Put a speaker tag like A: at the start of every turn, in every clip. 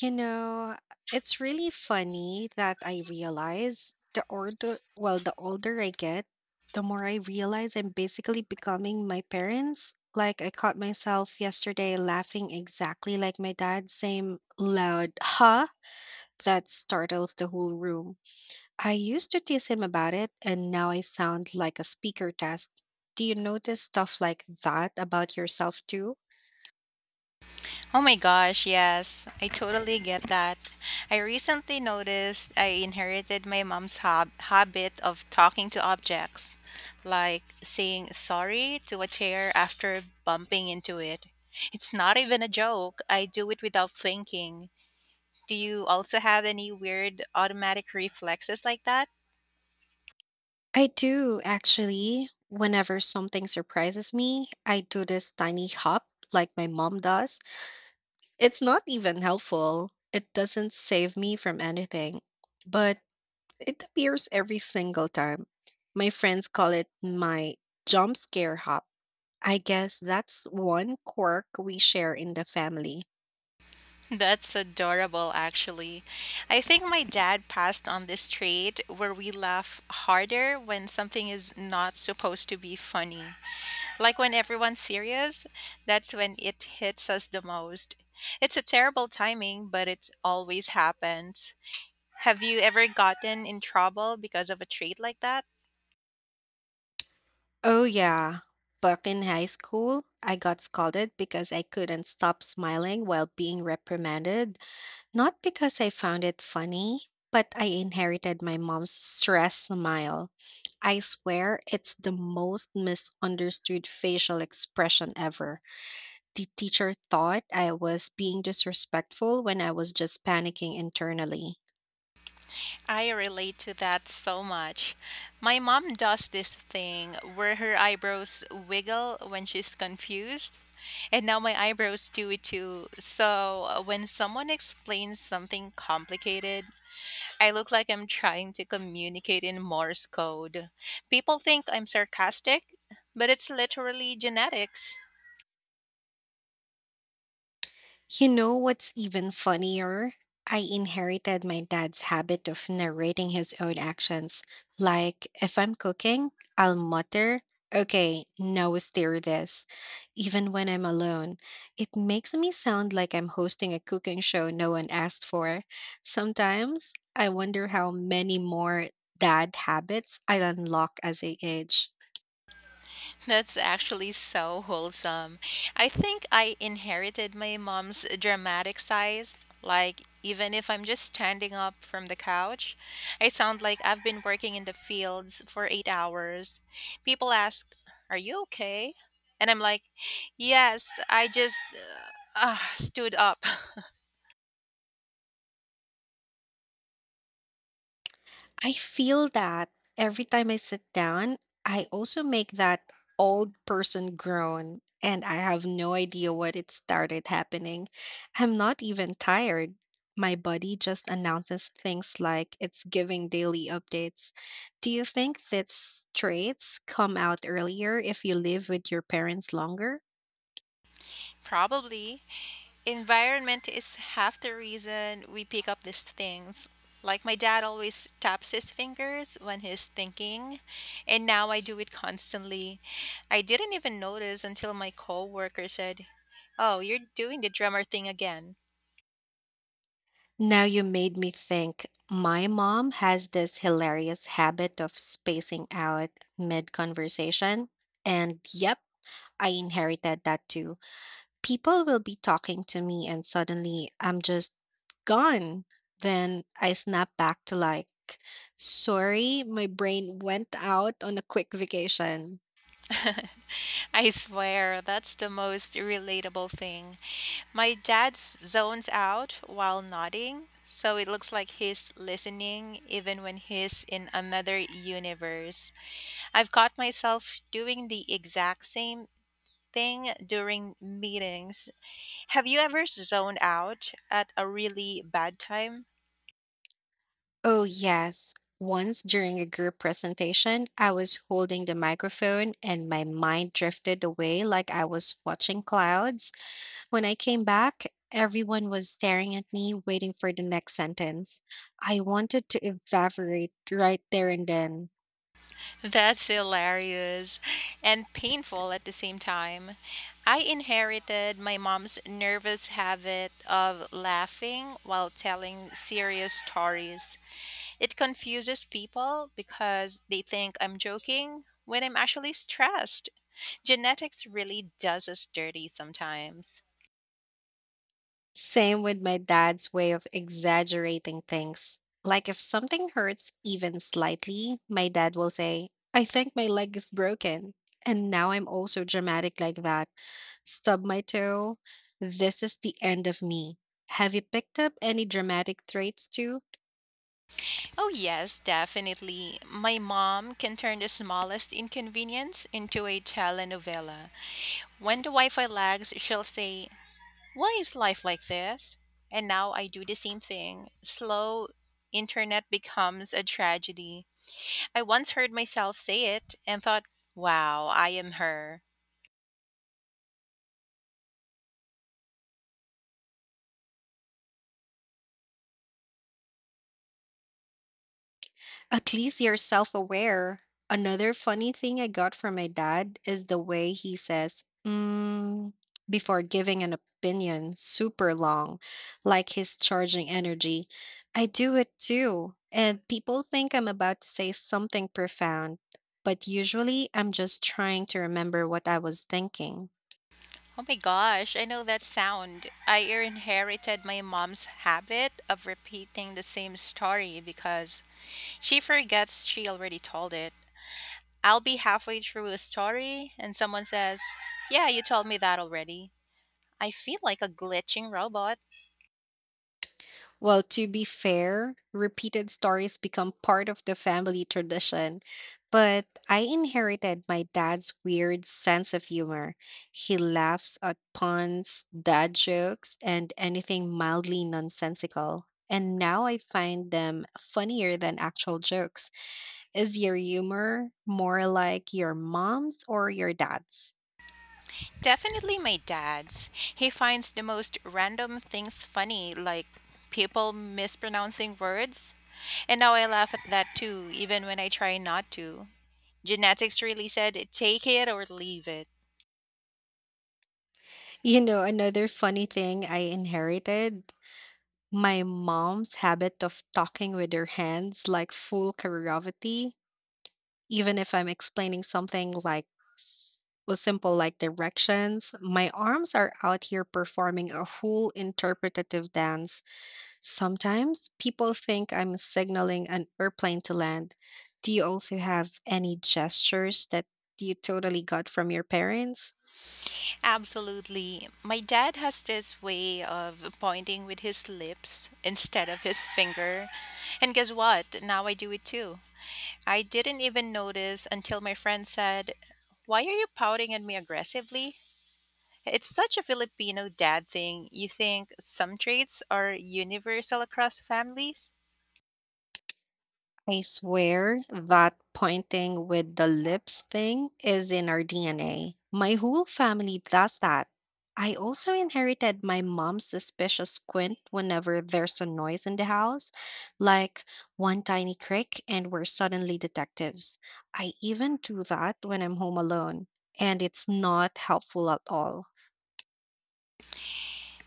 A: You know, it's really funny that I realize the older, the older I get, the more I realize I'm basically becoming my parents. Like I caught myself yesterday laughing exactly like my dad, same loud huh that startles the whole room. I used to tease him about it, and now I sound like a speaker test. Do you notice stuff like that about yourself too?
B: Oh my gosh, yes. I totally get that. I recently noticed I inherited my mom's habit of talking to objects, like saying sorry to a chair after bumping into it. It's not even a joke. I do it without thinking. Do you also have any weird automatic reflexes like that?
A: I do actually. Whenever something surprises me, I do this tiny hop like my mom does. It's not even helpful. It doesn't save me from anything, but it appears every single time. My friends call it my jump scare hop. I guess that's one quirk we share in the family.
B: That's adorable, actually. I think my dad passed on this trait where we laugh harder when something is not supposed to be funny. Like when everyone's serious, that's when it hits us the most. It's a terrible timing, but it always happens. Have you ever gotten in trouble because of a trait like that?
A: Oh, yeah. Back in high school, I got scolded because I couldn't stop smiling while being reprimanded. Not because I found it funny, but I inherited my mom's stress smile. I swear it's the most misunderstood facial expression ever. The teacher thought I was being disrespectful when I was just panicking internally.
B: I relate to that so much. My mom does this thing where her eyebrows wiggle when she's confused, and now my eyebrows do it too. So when someone explains something complicated, I look like I'm trying to communicate in Morse code. People think I'm sarcastic, but it's literally genetics.
A: You know what's even funnier? I inherited my dad's habit of narrating his own actions. Like, if I'm cooking, I'll mutter, okay, now stir this, even when I'm alone. It makes me sound like I'm hosting a cooking show no one asked for. Sometimes I wonder how many more dad habits I unlock as I age.
B: That's actually so wholesome. I think I inherited my mom's dramatic size. Like, even if I'm just standing up from the couch, I sound like I've been working in the fields for 8 hours. People ask, "Are you okay?" And I'm like, "Yes, I just stood up."
A: I feel that every time I sit down, I also make that old person groan, and I have no idea what it started happening. I'm not even tired. My body just announces things like it's giving daily updates. Do you think that traits come out earlier if you live with your parents longer?
B: Probably. Environment is half the reason we pick up these things. Like my dad always taps his fingers when he's thinking, and now I do it constantly. I didn't even notice until my coworker said, "Oh, you're doing the drummer thing again."
A: Now you made me think. My mom has this hilarious habit of spacing out mid conversation. And yep, I inherited that too. People will be talking to me and suddenly I'm just gone. Then I snap back to like, sorry, my brain went out on a quick vacation.
B: I swear, that's the most relatable thing. My dad zones out while nodding, so it looks like he's listening even when he's in another universe. I've caught myself doing the exact same thing during meetings. Have you ever zoned out at a really bad time?
A: Oh, yes. Once during a group presentation, I was holding the microphone and my mind drifted away like I was watching clouds. When I came back, everyone was staring at me, waiting for the next sentence. I wanted to evaporate right there and then.
B: That's hilarious and painful at the same time. I inherited my mom's nervous habit of laughing while telling serious stories. It confuses people because they think I'm joking when I'm actually stressed. Genetics really does us dirty sometimes.
A: Same with my dad's way of exaggerating things. Like if something hurts even slightly, my dad will say, I think my leg is broken. And now I'm also dramatic like that. Stub my toe. This is the end of me. Have you picked up any dramatic traits too?
B: Oh, yes, definitely. My mom can turn the smallest inconvenience into a telenovela. When the Wi Fi lags, she'll say, "Why is life like this?" And now I do the same thing. Slow internet becomes a tragedy. I once heard myself say it and thought, wow, I am her.
A: At least you're self aware. Another funny thing I got from my dad is the way he says, mm, before giving an opinion super long, like he's charging energy. I do it too. And people think I'm about to say something profound, but usually I'm just trying to remember what I was thinking.
B: Oh my gosh, I know that sound. I inherited my mom's habit of repeating the same story because she forgets she already told it. I'll be halfway through a story and someone says, "Yeah, you told me that already." I feel like a glitching robot.
A: Well, to be fair, repeated stories become part of the family tradition, but I inherited my dad's weird sense of humor. He laughs at puns, dad jokes, and anything mildly nonsensical. And now I find them funnier than actual jokes. Is your humor more like your mom's or your dad's?
B: Definitely my dad's. He finds the most random things funny, like people mispronouncing words. And now I laugh at that too, even when I try not to. Genetics really said take it or leave it.
A: You know, another funny thing I inherited my mom's habit of talking with her hands like full choreography, even if I'm explaining something s- was simple like directions, my arms are out here performing a whole interpretative dance. Sometimes people think I'm signaling an airplane to land. Do you also have any gestures that you totally got from your parents?
B: Absolutely. My dad has this way of pointing with his lips instead of his finger. And guess what? Now I do it too. I didn't even notice until my friend said, "Why are you pouting at me aggressively?" It's such a Filipino dad thing. You think some traits are universal across families?
A: I swear that pointing with the lips thing is in our DNA. My whole family does that. I also inherited my mom's suspicious squint whenever there's a noise in the house, like one tiny crick, and we're suddenly detectives. I even do that when I'm home alone, and it's not helpful at all.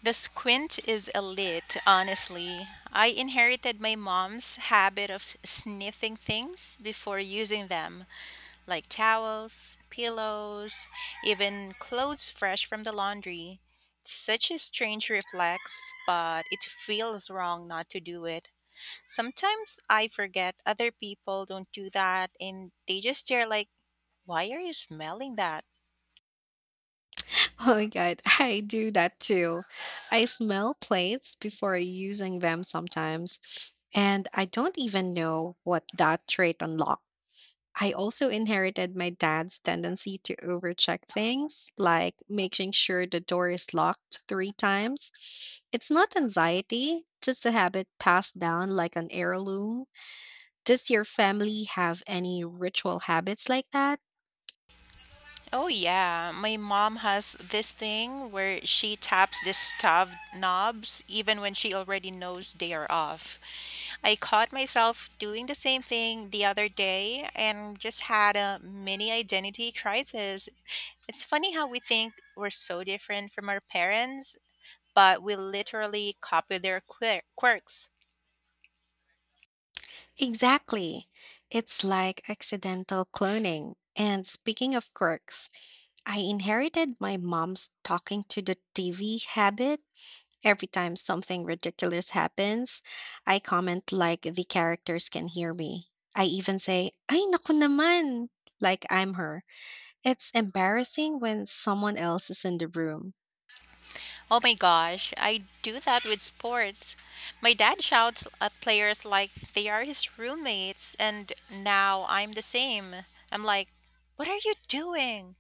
B: The squint is elite, honestly. I inherited my mom's habit of sniffing things before using them, like towels, pillows, even clothes fresh from the laundry. It's such a strange reflex, but it feels wrong not to do it. Sometimes I forget other people don't do that and they just stare like, "Why are you smelling that?"
A: Oh my god, I do that too. I smell plates before using them sometimes, and I don't even know what that trait unlocked. I also inherited my dad's tendency to overcheck things, like making sure the door is locked three times. It's not anxiety, just a habit passed down like an heirloom. Does your family have any ritual habits like that?
B: Oh, yeah. My mom has this thing where she taps the stuffed knobs even when she already knows they are off. I caught myself doing the same thing the other day and just had a mini identity crisis. It's funny how we think we're so different from our parents, but we literally copy their quirks.
A: Exactly. It's like accidental cloning. And speaking of quirks, I inherited my mom's talking to the TV habit. Every time something ridiculous happens, I comment like the characters can hear me. I even say, Ay, naku naman! Like I'm her. It's embarrassing when someone else is in the room.
B: Oh my gosh, I do that with sports. My dad shouts at players like they are his roommates, and now I'm the same. I'm like, "What are you doing?"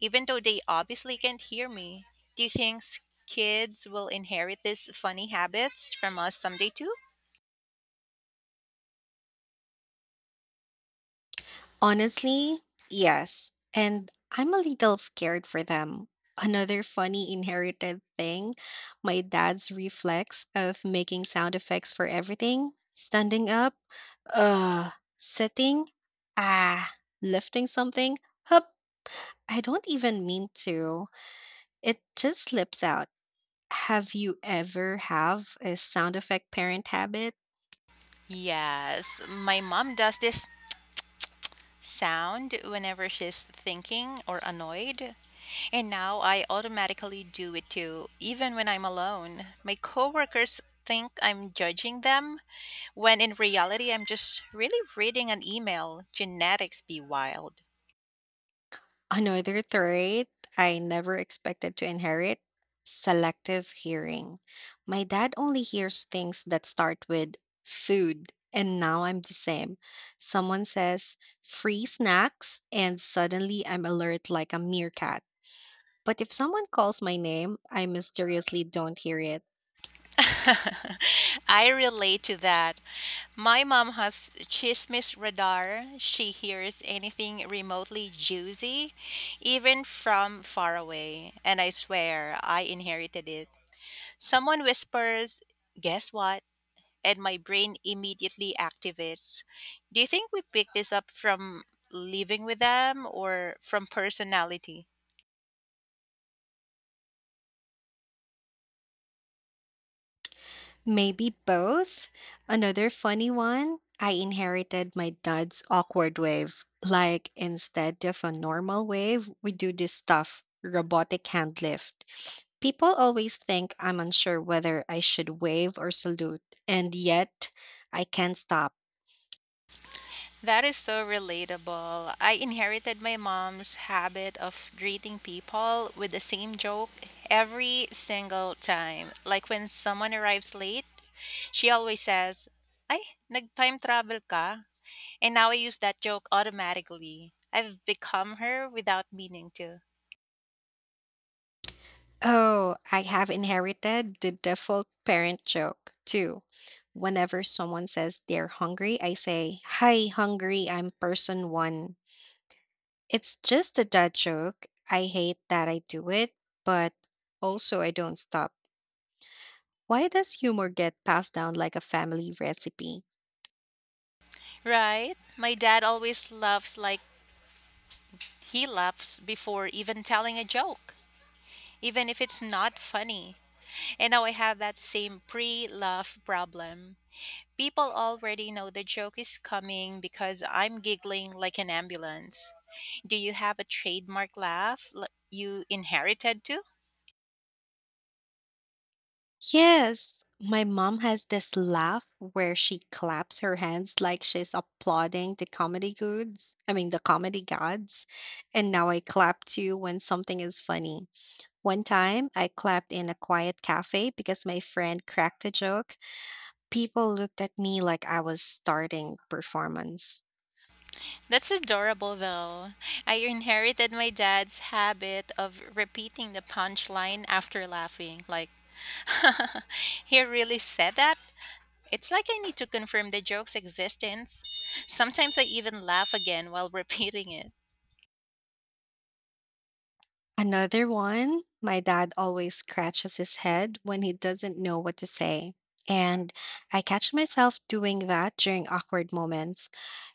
B: Even though they obviously can't hear me. Do you think kids will inherit these funny habits from us someday too?
A: Honestly, yes. And I'm a little scared for them. Another funny inherited thing, my dad's reflex of making sound effects for everything: standing up, uh, sitting, ah, lifting something, hup. I don't even mean to. It just slips out. Have you ever have a sound effect parent habit?
B: Yes, my mom does this sound whenever she's thinking or annoyed. And now I automatically do it too, even when I'm alone. My coworkers think I'm judging them, when in reality, I'm just really reading an email. Genetics be wild.
A: Another trait I never expected to inherit, selective hearing. My dad only hears things that start with food, and now I'm the same. Someone says free snacks, and suddenly I'm alert like a meerkat. But if someone calls my name, I mysteriously don't hear it.
B: I relate to that. My mom has chismis radar. She hears anything remotely juicy, even from far away. And I swear I inherited it. Someone whispers, "Guess what?" And my brain immediately activates. Do you think we pick this up from living with them or from personality?
A: Maybe both. Another funny one, I inherited my dad's awkward wave. Like, instead of a normal wave, we do this stuff robotic hand lift. People always think I'm unsure whether I should wave or salute, and yet I can't stop.
B: That is so relatable. I inherited my mom's habit of greeting people with the same joke every single time. Like when someone arrives late, she always says, "Ay, nag-time travel ka?" And now I use that joke automatically. I've become her without meaning to.
A: Oh, I have inherited the default parent joke, too. Whenever someone says they're hungry, I say, Hi, hungry, I'm person one. It's just a dad joke. I hate that I do it, but also I don't stop. Why does humor get passed down like a family recipe?
B: Right? My dad always laughs like he laughs before even telling a joke, even if it's not funny. And now I have that same pre laugh problem. People already know the joke is coming because I'm giggling like an ambulance. Do you have a trademark laugh you inherited too?
A: Yes, my mom has this laugh where she claps her hands like she's applauding the comedy gods. And now I clap too when something is funny. One time, I clapped in a quiet cafe because my friend cracked a joke. People looked at me like I was starting performance.
B: That's adorable though. I inherited my dad's habit of repeating the punchline after laughing. Like, he really said that? It's like I need to confirm the joke's existence. Sometimes I even laugh again while repeating it.
A: Another one, my dad always scratches his head when he doesn't know what to say. And I catch myself doing that during awkward moments.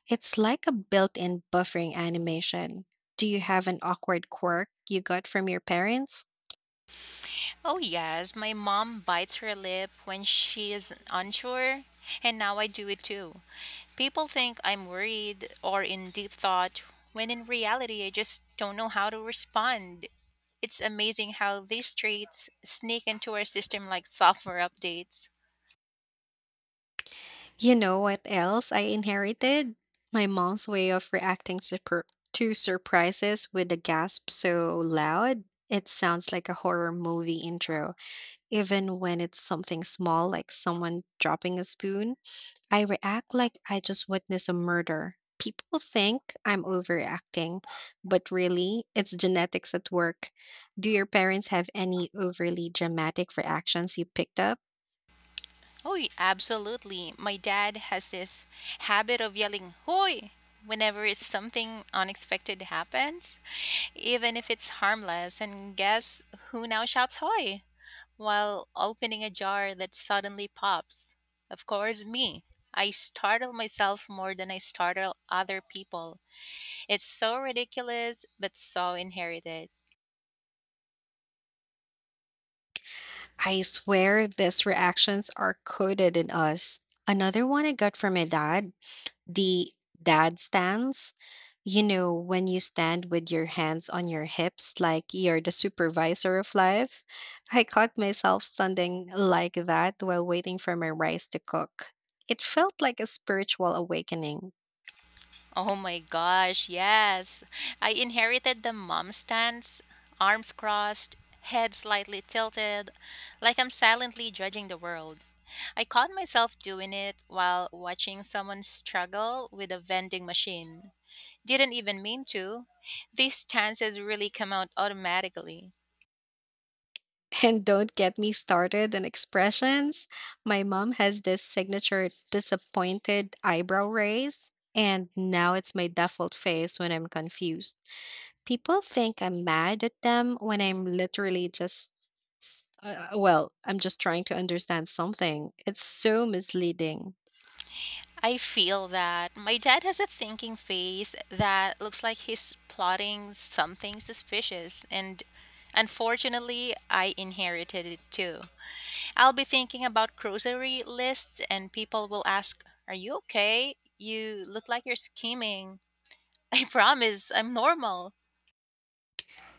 A: It's like a built in buffering animation. Do you have an awkward quirk you got from your parents?
B: Oh, yes, my mom bites her lip when she is unsure, and now I do it too. People think I'm worried or in deep thought, when in reality, I just don't know how to respond. It's amazing how these traits sneak into our system like software updates.
A: You know what else I inherited? My mom's way of to surprises with a gasp so loud, it sounds like a horror movie intro. Even when it's something small, like someone dropping a spoon, I react like I just witnessed a murder. People think I'm overreacting, but really, it's genetics at work. Do your parents have any overly dramatic reactions you picked up?
B: Oh, absolutely. My dad has this habit of yelling, "Hoy!" whenever it's something unexpected happens, even if it's harmless. And guess who now shouts, "Hoy!" while opening a jar that suddenly pops? Of course, me. I startle myself more than I startle other people. It's so ridiculous, but so inherited.
A: I swear these reactions are coded in us. Another one I got from my dad, the dad stance. You know, when you stand with your hands on your hips like you're the supervisor of life. I caught myself standing like that while waiting for my rice to cook. It felt like a spiritual awakening.
B: Oh my gosh, yes. I inherited the mom stance, arms crossed, head slightly tilted, like I'm silently judging the world. I caught myself doing it while watching someone struggle with a vending machine. Didn't even mean to. These stances really come out automatically.
A: And don't get me started on expressions. My mom has this signature disappointed eyebrow raise, and now it's my default face when I'm confused. People think I'm mad at them when I'm literally just, I'm just trying to understand something. It's so misleading.
B: I feel that my dad has a thinking face that looks like he's plotting something suspicious, and unfortunately, I inherited it too. I'll be thinking about grocery lists, and people will ask, "Are you okay? You look like you're scheming." I promise I'm normal.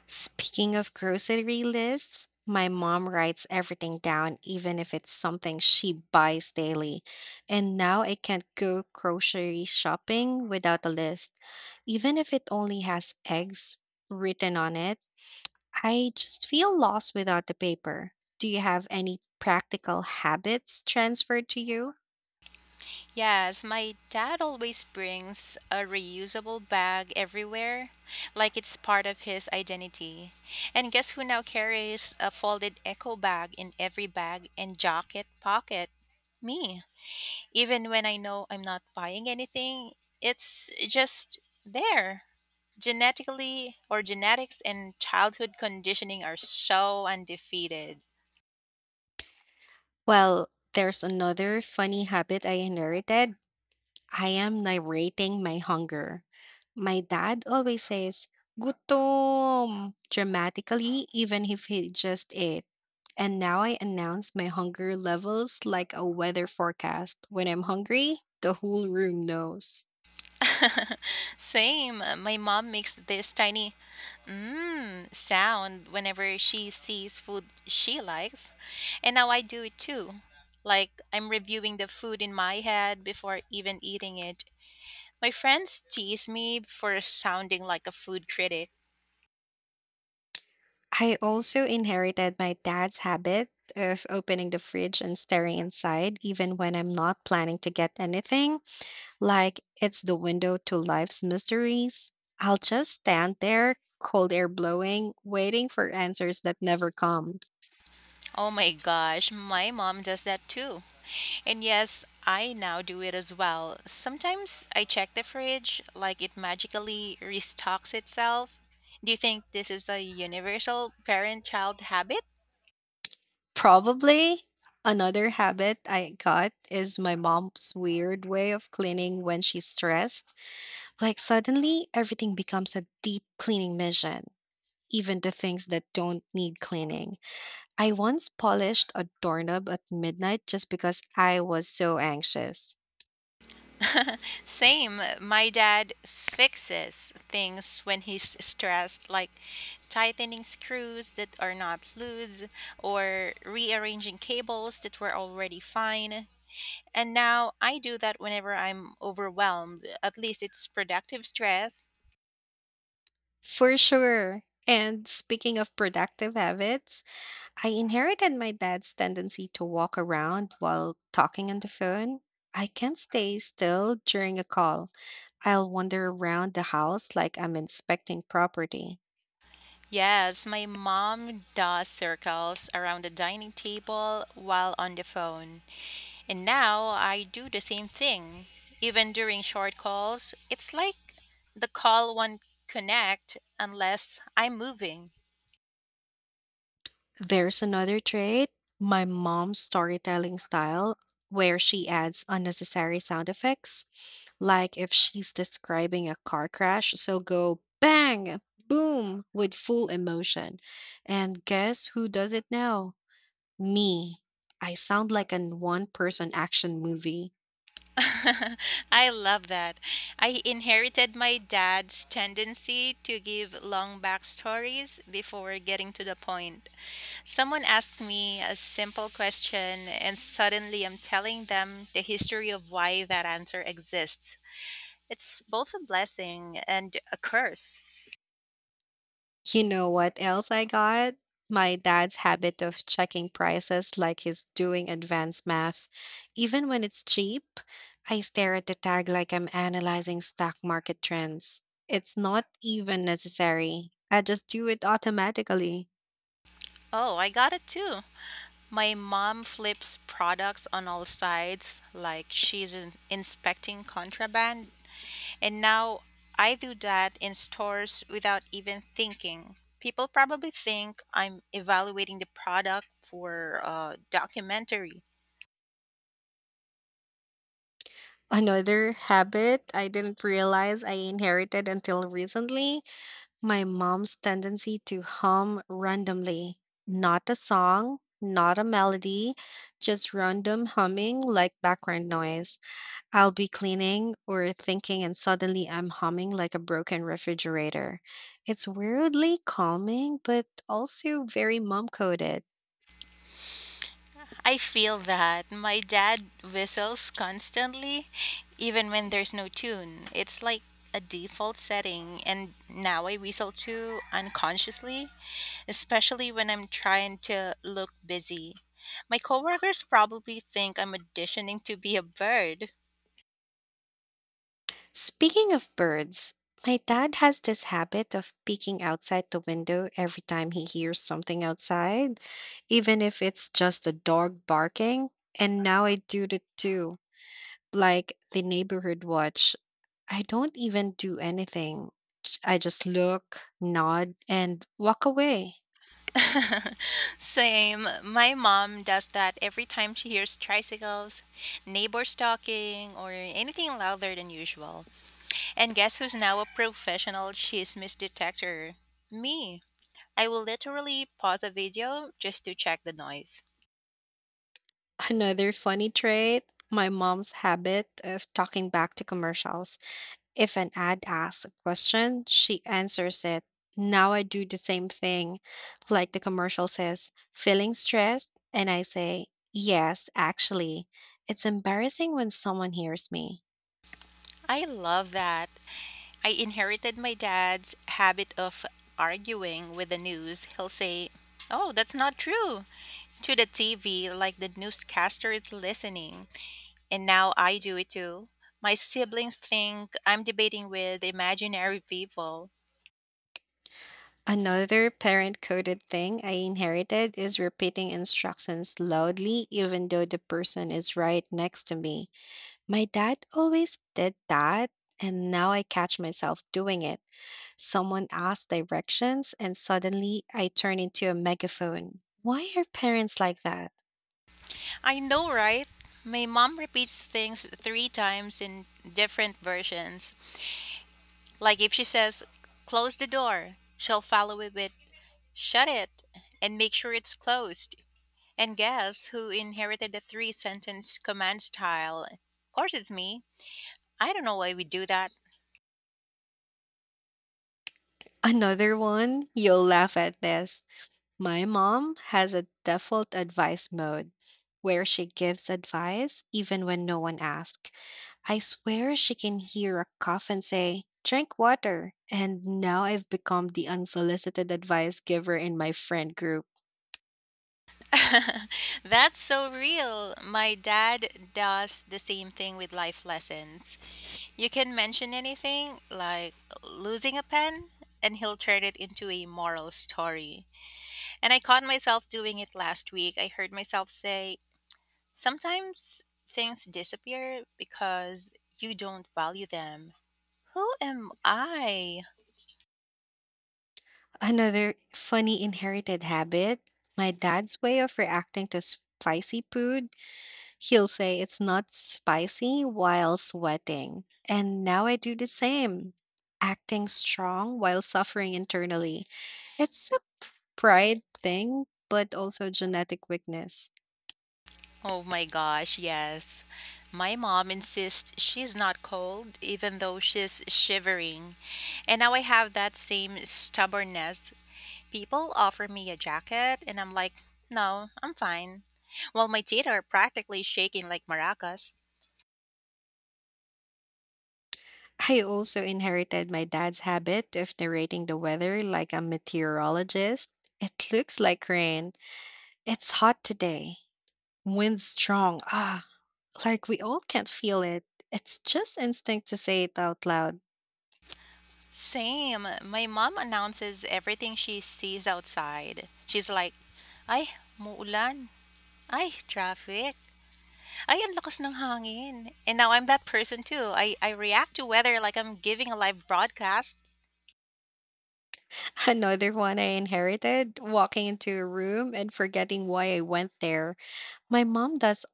A: Speaking of grocery lists, my mom writes everything down, even if it's something she buys daily. And now I can't go grocery shopping without a list, even if it only has eggs written on it. I just feel lost without the paper. Do you have any practical habits transferred to you?
B: Yes, my dad always brings a reusable bag everywhere, like it's part of his identity. And guess who now carries a folded eco bag in every bag and jacket pocket? Me. Even when I know I'm not buying anything, it's just there. Genetically or genetics and childhood conditioning are so undefeated.
A: Well, there's another funny habit I inherited. I am narrating my hunger. My dad always says, gutom, dramatically, even if he just ate. And now I announce my hunger levels like a weather forecast. When I'm hungry, the whole room knows.
B: Same. My mom makes this tiny mmm sound whenever she sees food she likes. And now I do it too. Like I'm reviewing the food in my head before even eating it. My friends tease me for sounding like a food critic.
A: I also inherited my dad's habit of opening the fridge and staring inside, even when I'm not planning to get anything, like it's the window to life's mysteries. I'll just stand there, cold air blowing, waiting for answers that never come.
B: Oh my gosh, my mom does that too. And yes, I now do it as well. Sometimes I check the fridge like it magically restocks itself. Do you think this is a universal parent child habit?
A: Probably another habit I got is my mom's weird way of cleaning when she's stressed. Like suddenly, everything becomes a deep cleaning mission, even the things that don't need cleaning. I once polished a doorknob at midnight just because I was so anxious.
B: Same. My dad fixes things when he's stressed, like tightening screws that are not loose or rearranging cables that were already fine. And now I do that whenever I'm overwhelmed. At least it's productive stress.
A: For sure. And speaking of productive habits, I inherited my dad's tendency to walk around while talking on the phone. I can't stay still during a call. I'll wander around the house like I'm inspecting property.
B: Yes, my mom does circles around the dining table while on the phone. And now I do the same thing. Even during short calls, it's like the call won't connect unless I'm moving.
A: There's another trait, my mom's storytelling style, where she adds unnecessary sound effects. Like if she's describing a car crash, she'll go bang, boom with full emotion. And guess who does it now? Me. I sound like a one person action movie.
B: I love that. I inherited my dad's tendency to give long backstories before getting to the point. Someone asked me a simple question, and suddenly I'm telling them the history of why that answer exists. It's both a blessing and a curse.
A: You know what else I got? My dad's habit of checking prices like he's doing advanced math. Even when it's cheap, I stare at the tag like I'm analyzing stock market trends. It's not even necessary. I just do it automatically.
B: Oh, I got it too. My mom flips products on all sides like she's inspecting contraband. And now I do that in stores without even thinking. People probably think I'm evaluating the product for a documentary.
A: Another habit I didn't realize I inherited until recently, my mom's tendency to hum randomly. Not a song, not a melody, just random humming like background noise. I'll be cleaning or thinking, and suddenly I'm humming like a broken refrigerator. It's weirdly calming, but also very mom coded.
B: I feel that my dad whistles constantly, even when there's no tune. It's like a default setting, and now I whistle too unconsciously, especially when I'm trying to look busy. My coworkers probably think I'm auditioning to be a bird.
A: Speaking of birds, my dad has this habit of peeking outside the window every time he hears something outside, even if it's just a dog barking. And now I do it too, like the neighborhood watch. I don't even do anything. I just look, nod, and walk away.
B: Same. My mom does that every time she hears tricycles, neighbors talking, or anything louder than usual. And guess who's now a professional chismis detector? Me. I will literally pause a video just to check the noise.
A: Another funny trait, my mom's habit of talking back to commercials. If an ad asks a question, she answers it. Now I do the same thing. Like the commercial says, feeling stressed? And I say, yes, actually. It's embarrassing when someone hears me.
B: I love that. I inherited my dad's habit of arguing with the news. He'll say, "Oh, that's not true," to the TV like the newscaster is listening. And now I do it too. My siblings think I'm debating with imaginary people.
A: Another parent coded thing I inherited is repeating instructions loudly, even though the person is right next to me. My dad always did that, and now I catch myself doing it. Someone asks directions, and suddenly I turn into a megaphone. Why are parents like that?
B: I know, right? My mom repeats things three times in different versions. Like if she says, close the door, she'll follow it with, shut it, and make sure it's closed. And guess who inherited the three sentence command style? Of course, it's me. I don't know why we do that.
A: Another one, you'll laugh at this. My mom has a default advice mode where she gives advice even when no one asks. I swear she can hear a cough and say, drink water. And now I've become the unsolicited advice giver in my friend group.
B: That's so real. My dad does the same thing with life lessons. You can mention anything, like losing a pen, and he'll turn it into a moral story. And I caught myself doing it last week. I heard myself say, sometimes things disappear because you don't value them. Who am I?
A: Another funny inherited habit, my dad's way of reacting to spicy food. He'll say it's not spicy while sweating. And now I do the same, acting strong while suffering internally. It's a pride thing, but also genetic weakness.
B: Oh my gosh, yes. My mom insists she's not cold, even though she's shivering. And now I have that same stubbornness. People offer me a jacket, and I'm like, no, I'm fine. While my teeth are practically shaking like maracas.
A: I also inherited my dad's habit of narrating the weather like a meteorologist. It looks like rain. It's hot today. Wind strong. Ah, like we all can't feel it. It's just instinct to say it out loud.
B: Same. My mom announces everything she sees outside. She's like, ay, muulan. Ay, traffic. Ay, ang lakas ng hangin. And now I'm that person too. I react to weather like I'm giving a live broadcast.
A: Another one I inherited, walking into a room and forgetting why I went there. My mom does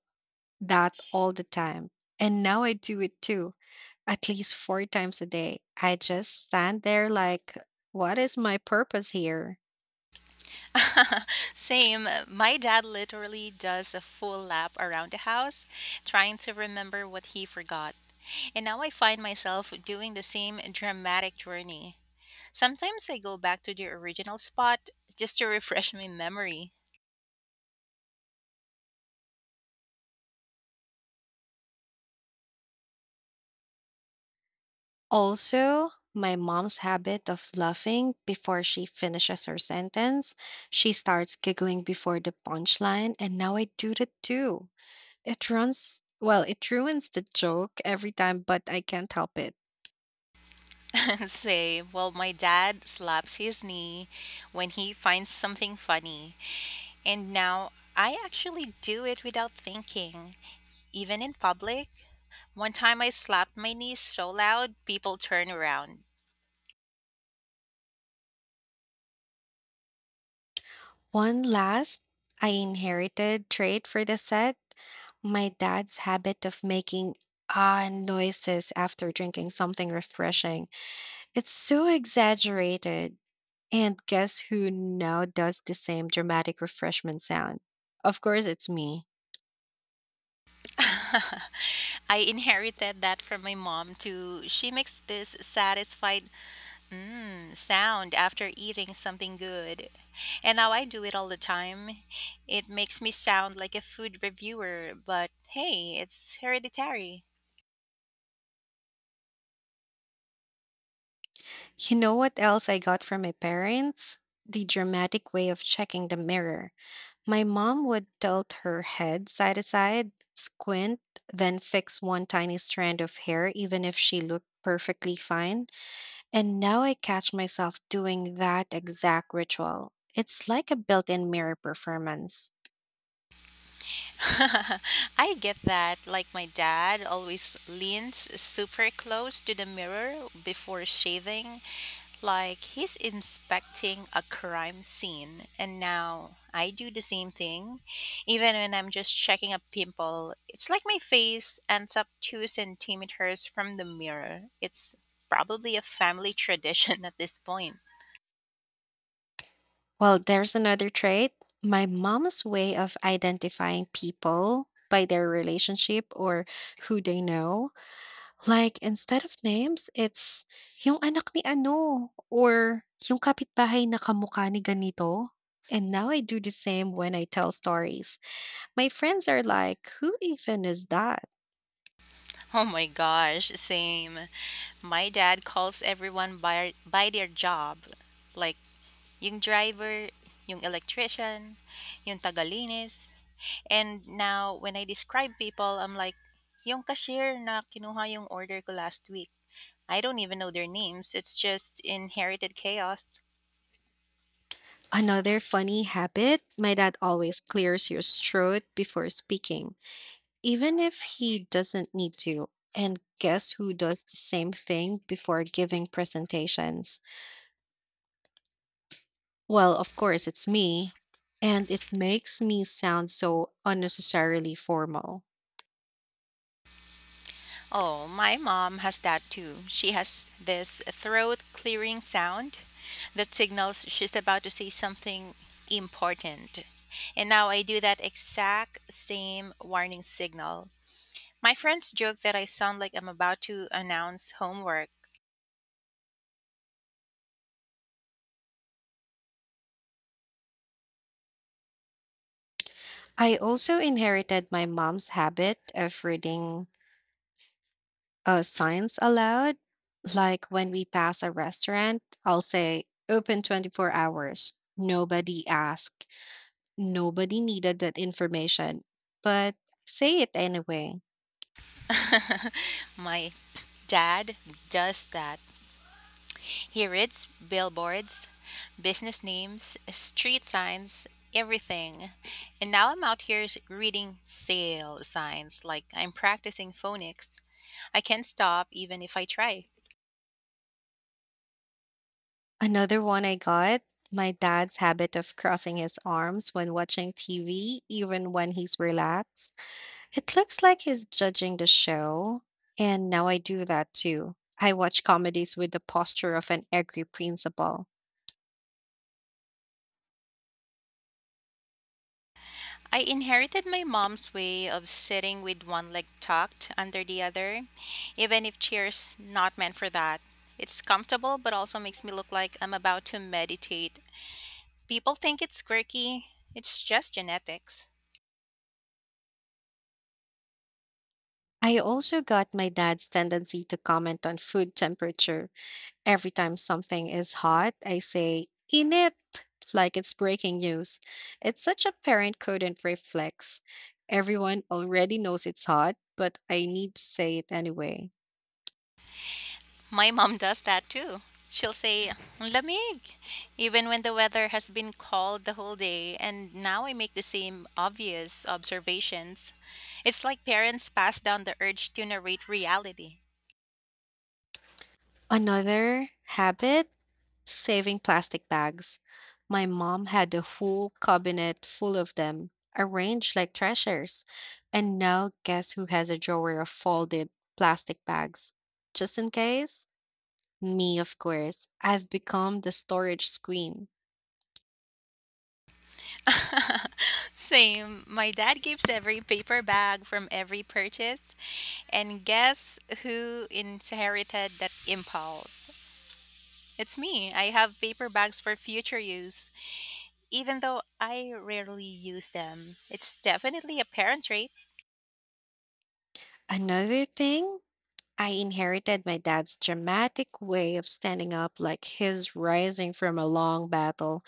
A: that all the time. And now I do it too, at least four times a day. I just stand there like, what is my purpose here?
B: Same. My dad literally does a full lap around the house, trying to remember what he forgot. And now I find myself doing the same dramatic journey. Sometimes I go back to the original spot just to refresh my memory.
A: Also, my mom's habit of laughing before she finishes her sentence. She starts giggling before the punchline, and now I do that too. It well, it ruins the joke every time, but I can't help it.
B: Say, well, my dad slaps his knee when he finds something funny. And now I actually do it without thinking, even in public. One time I slapped my knee so loud, people turned around.
A: One last I inherited trait for the set, my dad's habit of making ah noises after drinking something refreshing. It's so exaggerated. And guess who now does the same dramatic refreshment sound? Of course, it's me.
B: I inherited that from my mom, too. She makes this satisfied mm sound after eating something good. And now I do it all the time. It makes me sound like a food reviewer, but hey, it's hereditary.
A: You know what else I got from my parents? The dramatic way of checking the mirror. My mom would tilt her head side to side, squint, then fix one tiny strand of hair, even if she looked perfectly fine. And now I catch myself doing that exact ritual. It's like a built in mirror performance.
B: I get that. Like my dad always leans super close to the mirror before shaving, like he's inspecting a crime scene. And now I do the same thing. Even when I'm just checking a pimple, it's like my face ends up 2 centimeters from the mirror. It's probably a family tradition at this point.
A: Well, there's another trait, my mom's way of identifying people by their relationship or who they know. Like, instead of names, it's, "Yung anak ni ano," or "Yung kapitbahay na kamukha ni ganito." And now I do the same when I tell stories. My friends are like, "Who even is that?"
B: Oh my gosh, same. My dad calls everyone by their job. Like yung driver, yung electrician, yung tagalinis. And now when I describe people, I'm like, yung cashier na kinuha yung order ko last week. I don't even know their names. It's just inherited chaos.
A: Another funny habit, my dad always clears his throat before speaking, even if he doesn't need to. And guess who does the same thing before giving presentations? Well, of course, it's me. And it makes me sound so unnecessarily formal.
B: Oh, my mom has that too. She has this throat clearing sound that signals she's about to say something important. And now I do that exact same warning signal. My friends joke that I sound like I'm about to announce homework.
A: I also inherited my mom's habit of reading signs aloud. Like when we pass a restaurant, I'll say, open 24 hours. Nobody asked. Nobody needed that information. But say it anyway.
B: My dad does that. He reads billboards, business names, street signs, everything. And now I'm out here reading sale signs like I'm practicing phonics. I can't stop even if I try.
A: Another one I got, my dad's habit of crossing his arms when watching TV, even when he's relaxed. It looks like he's judging the show, and now I do that too. I watch comedies with the posture of an angry principal.
B: I inherited my mom's way of sitting with one leg tucked under the other, even if chair's not meant for that. It's comfortable but also makes me look like I'm about to meditate. People think it's quirky, it's just genetics.
A: I also got my dad's tendency to comment on food temperature. Every time something is hot, I say, in it, like it's breaking news. It's such a parent couldn't reflex. Everyone already knows it's hot, but I need to say it anyway.
B: My mom does that too. She'll say, lamig, even when the weather has been cold the whole day, and now I make the same obvious observations. It's like parents pass down the urge to narrate reality.
A: Another habit, saving plastic bags. My mom had a whole cabinet full of them, arranged like treasures. And now, guess who has a drawer of folded plastic bags? Just in case? Me, of course. I've become the storage queen.
B: Same. My dad keeps every paper bag from every purchase. And guess who inherited that impulse? It's me. I have paper bags for future use, even though I rarely use them. It's definitely a parent trait.
A: Another thing, I inherited my dad's dramatic way of standing up like his rising from a long battle.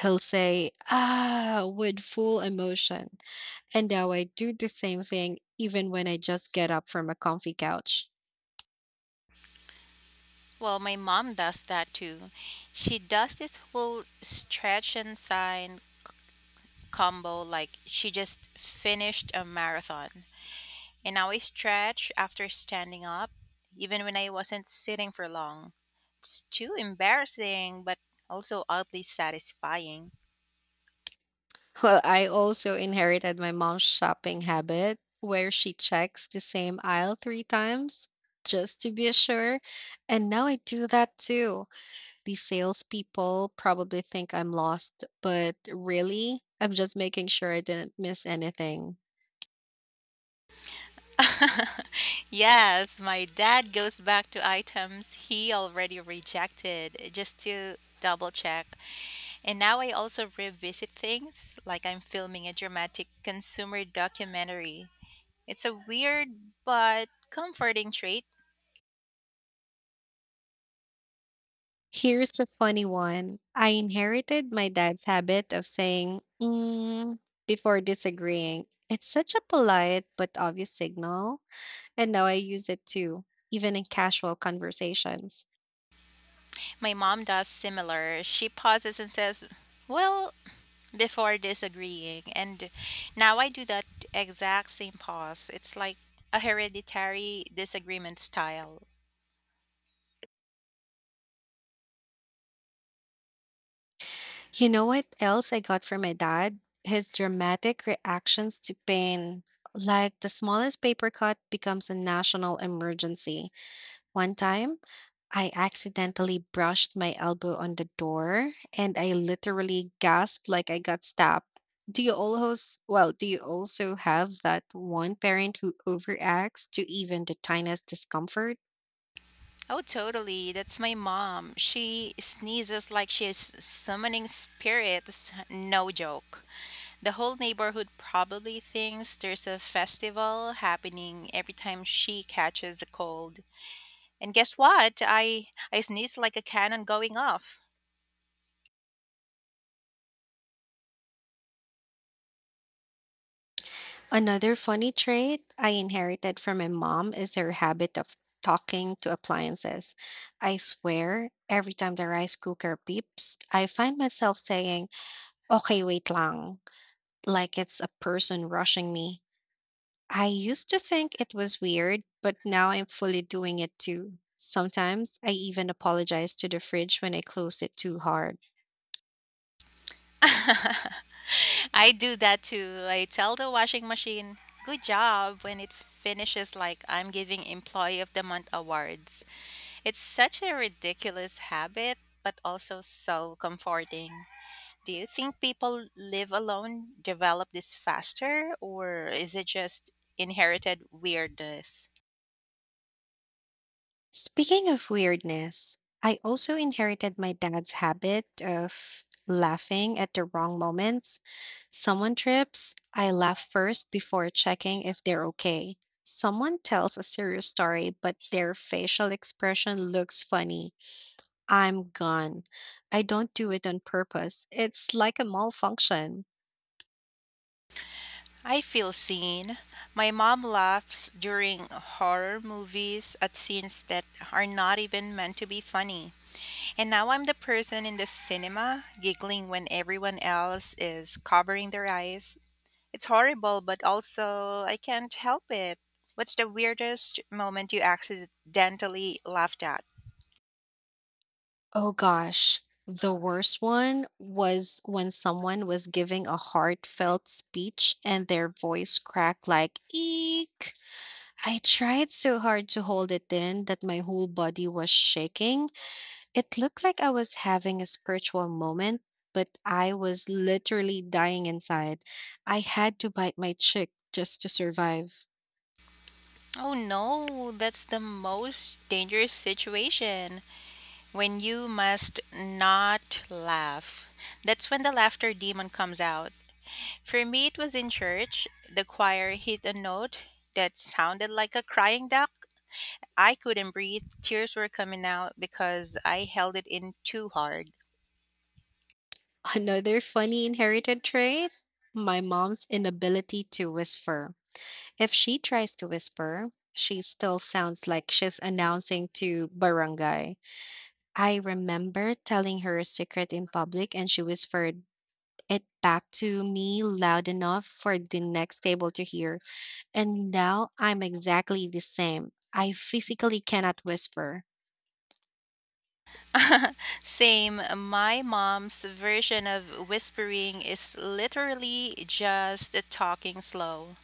A: He'll say, ah, with full emotion. And now I do the same thing even when I just get up from a comfy couch.
B: Well, my mom does that too. She does this whole stretch and sign combo like she just finished a marathon. And now I stretch after standing up, even when I wasn't sitting for long. It's too embarrassing, but also oddly satisfying.
A: Well, I also inherited my mom's shopping habit where she checks the same aisle three times just to be sure. And now I do that too. The salespeople probably think I'm lost, but really, I'm just making sure I didn't miss anything.
B: Yes, my dad goes back to items he already rejected just to double check. And now I also revisit things like I'm filming a dramatic consumer documentary. It's a weird but comforting trait.
A: Here's a funny one. I inherited my dad's habit of saying, mm, before disagreeing. It's such a polite but obvious signal, and now I use it too, even in casual conversations.
B: My mom does similar. She pauses and says, well, before disagreeing. And now I do that exact same pause. It's like a hereditary disagreement style.
A: You know what else I got from my dad? His dramatic reactions to pain. Like the smallest paper cut becomes a national emergency. One time, I accidentally brushed my elbow on the door and I literally gasped like I got stabbed. Well, do you also have that one parent who overacts to even the tiniest discomfort?
B: Oh, totally. That's my mom. She sneezes like she's summoning spirits. No joke. The whole neighborhood probably thinks there's a festival happening every time she catches a cold. And guess what? I sneeze like a cannon going off.
A: Another funny trait I inherited from my mom is her habit of talking to appliances. I swear, every time the rice cooker beeps, I find myself saying, okay, wait lang, like it's a person rushing me. I used to think it was weird, but now I'm fully doing it too. Sometimes I even apologize to the fridge when I close it too hard.
B: I do that too. I tell the washing machine, good job, when it finishes like I'm giving Employee of the Month awards. It's such a ridiculous habit, but also so comforting. Do you think people live alone develop this faster, or is it just inherited weirdness?
A: Speaking of weirdness, I also inherited my dad's habit of laughing at the wrong moments. Someone trips, I laugh first before checking if they're okay. Someone tells a serious story, but their facial expression looks funny. I'm gone. I don't do it on purpose. It's like a malfunction.
B: I feel seen. My mom laughs during horror movies at scenes that are not even meant to be funny. And now I'm the person in the cinema giggling when everyone else is covering their eyes. It's horrible, but also I can't help it. What's the weirdest moment you accidentally laughed at?
A: Oh gosh. The worst one was when someone was giving a heartfelt speech and their voice cracked like eek. I tried so hard to hold it in that my whole body was shaking. It looked like I was having a spiritual moment, but I was literally dying inside. I had to bite my cheek just to survive.
B: Oh no, that's the most dangerous situation. When you must not laugh. That's when the laughter demon comes out. For me, it was in church. The choir hit a note that sounded like a crying duck. I couldn't breathe. Tears were coming out because I held it in too hard.
A: Another funny inherited trait? My mom's inability to whisper. If she tries to whisper, she still sounds like she's announcing to barangay. I remember telling her a secret in public and she whispered it back to me loud enough for the next table to hear. And now I'm exactly the same. I physically cannot whisper.
B: Same. My mom's version of whispering is literally just talking slow.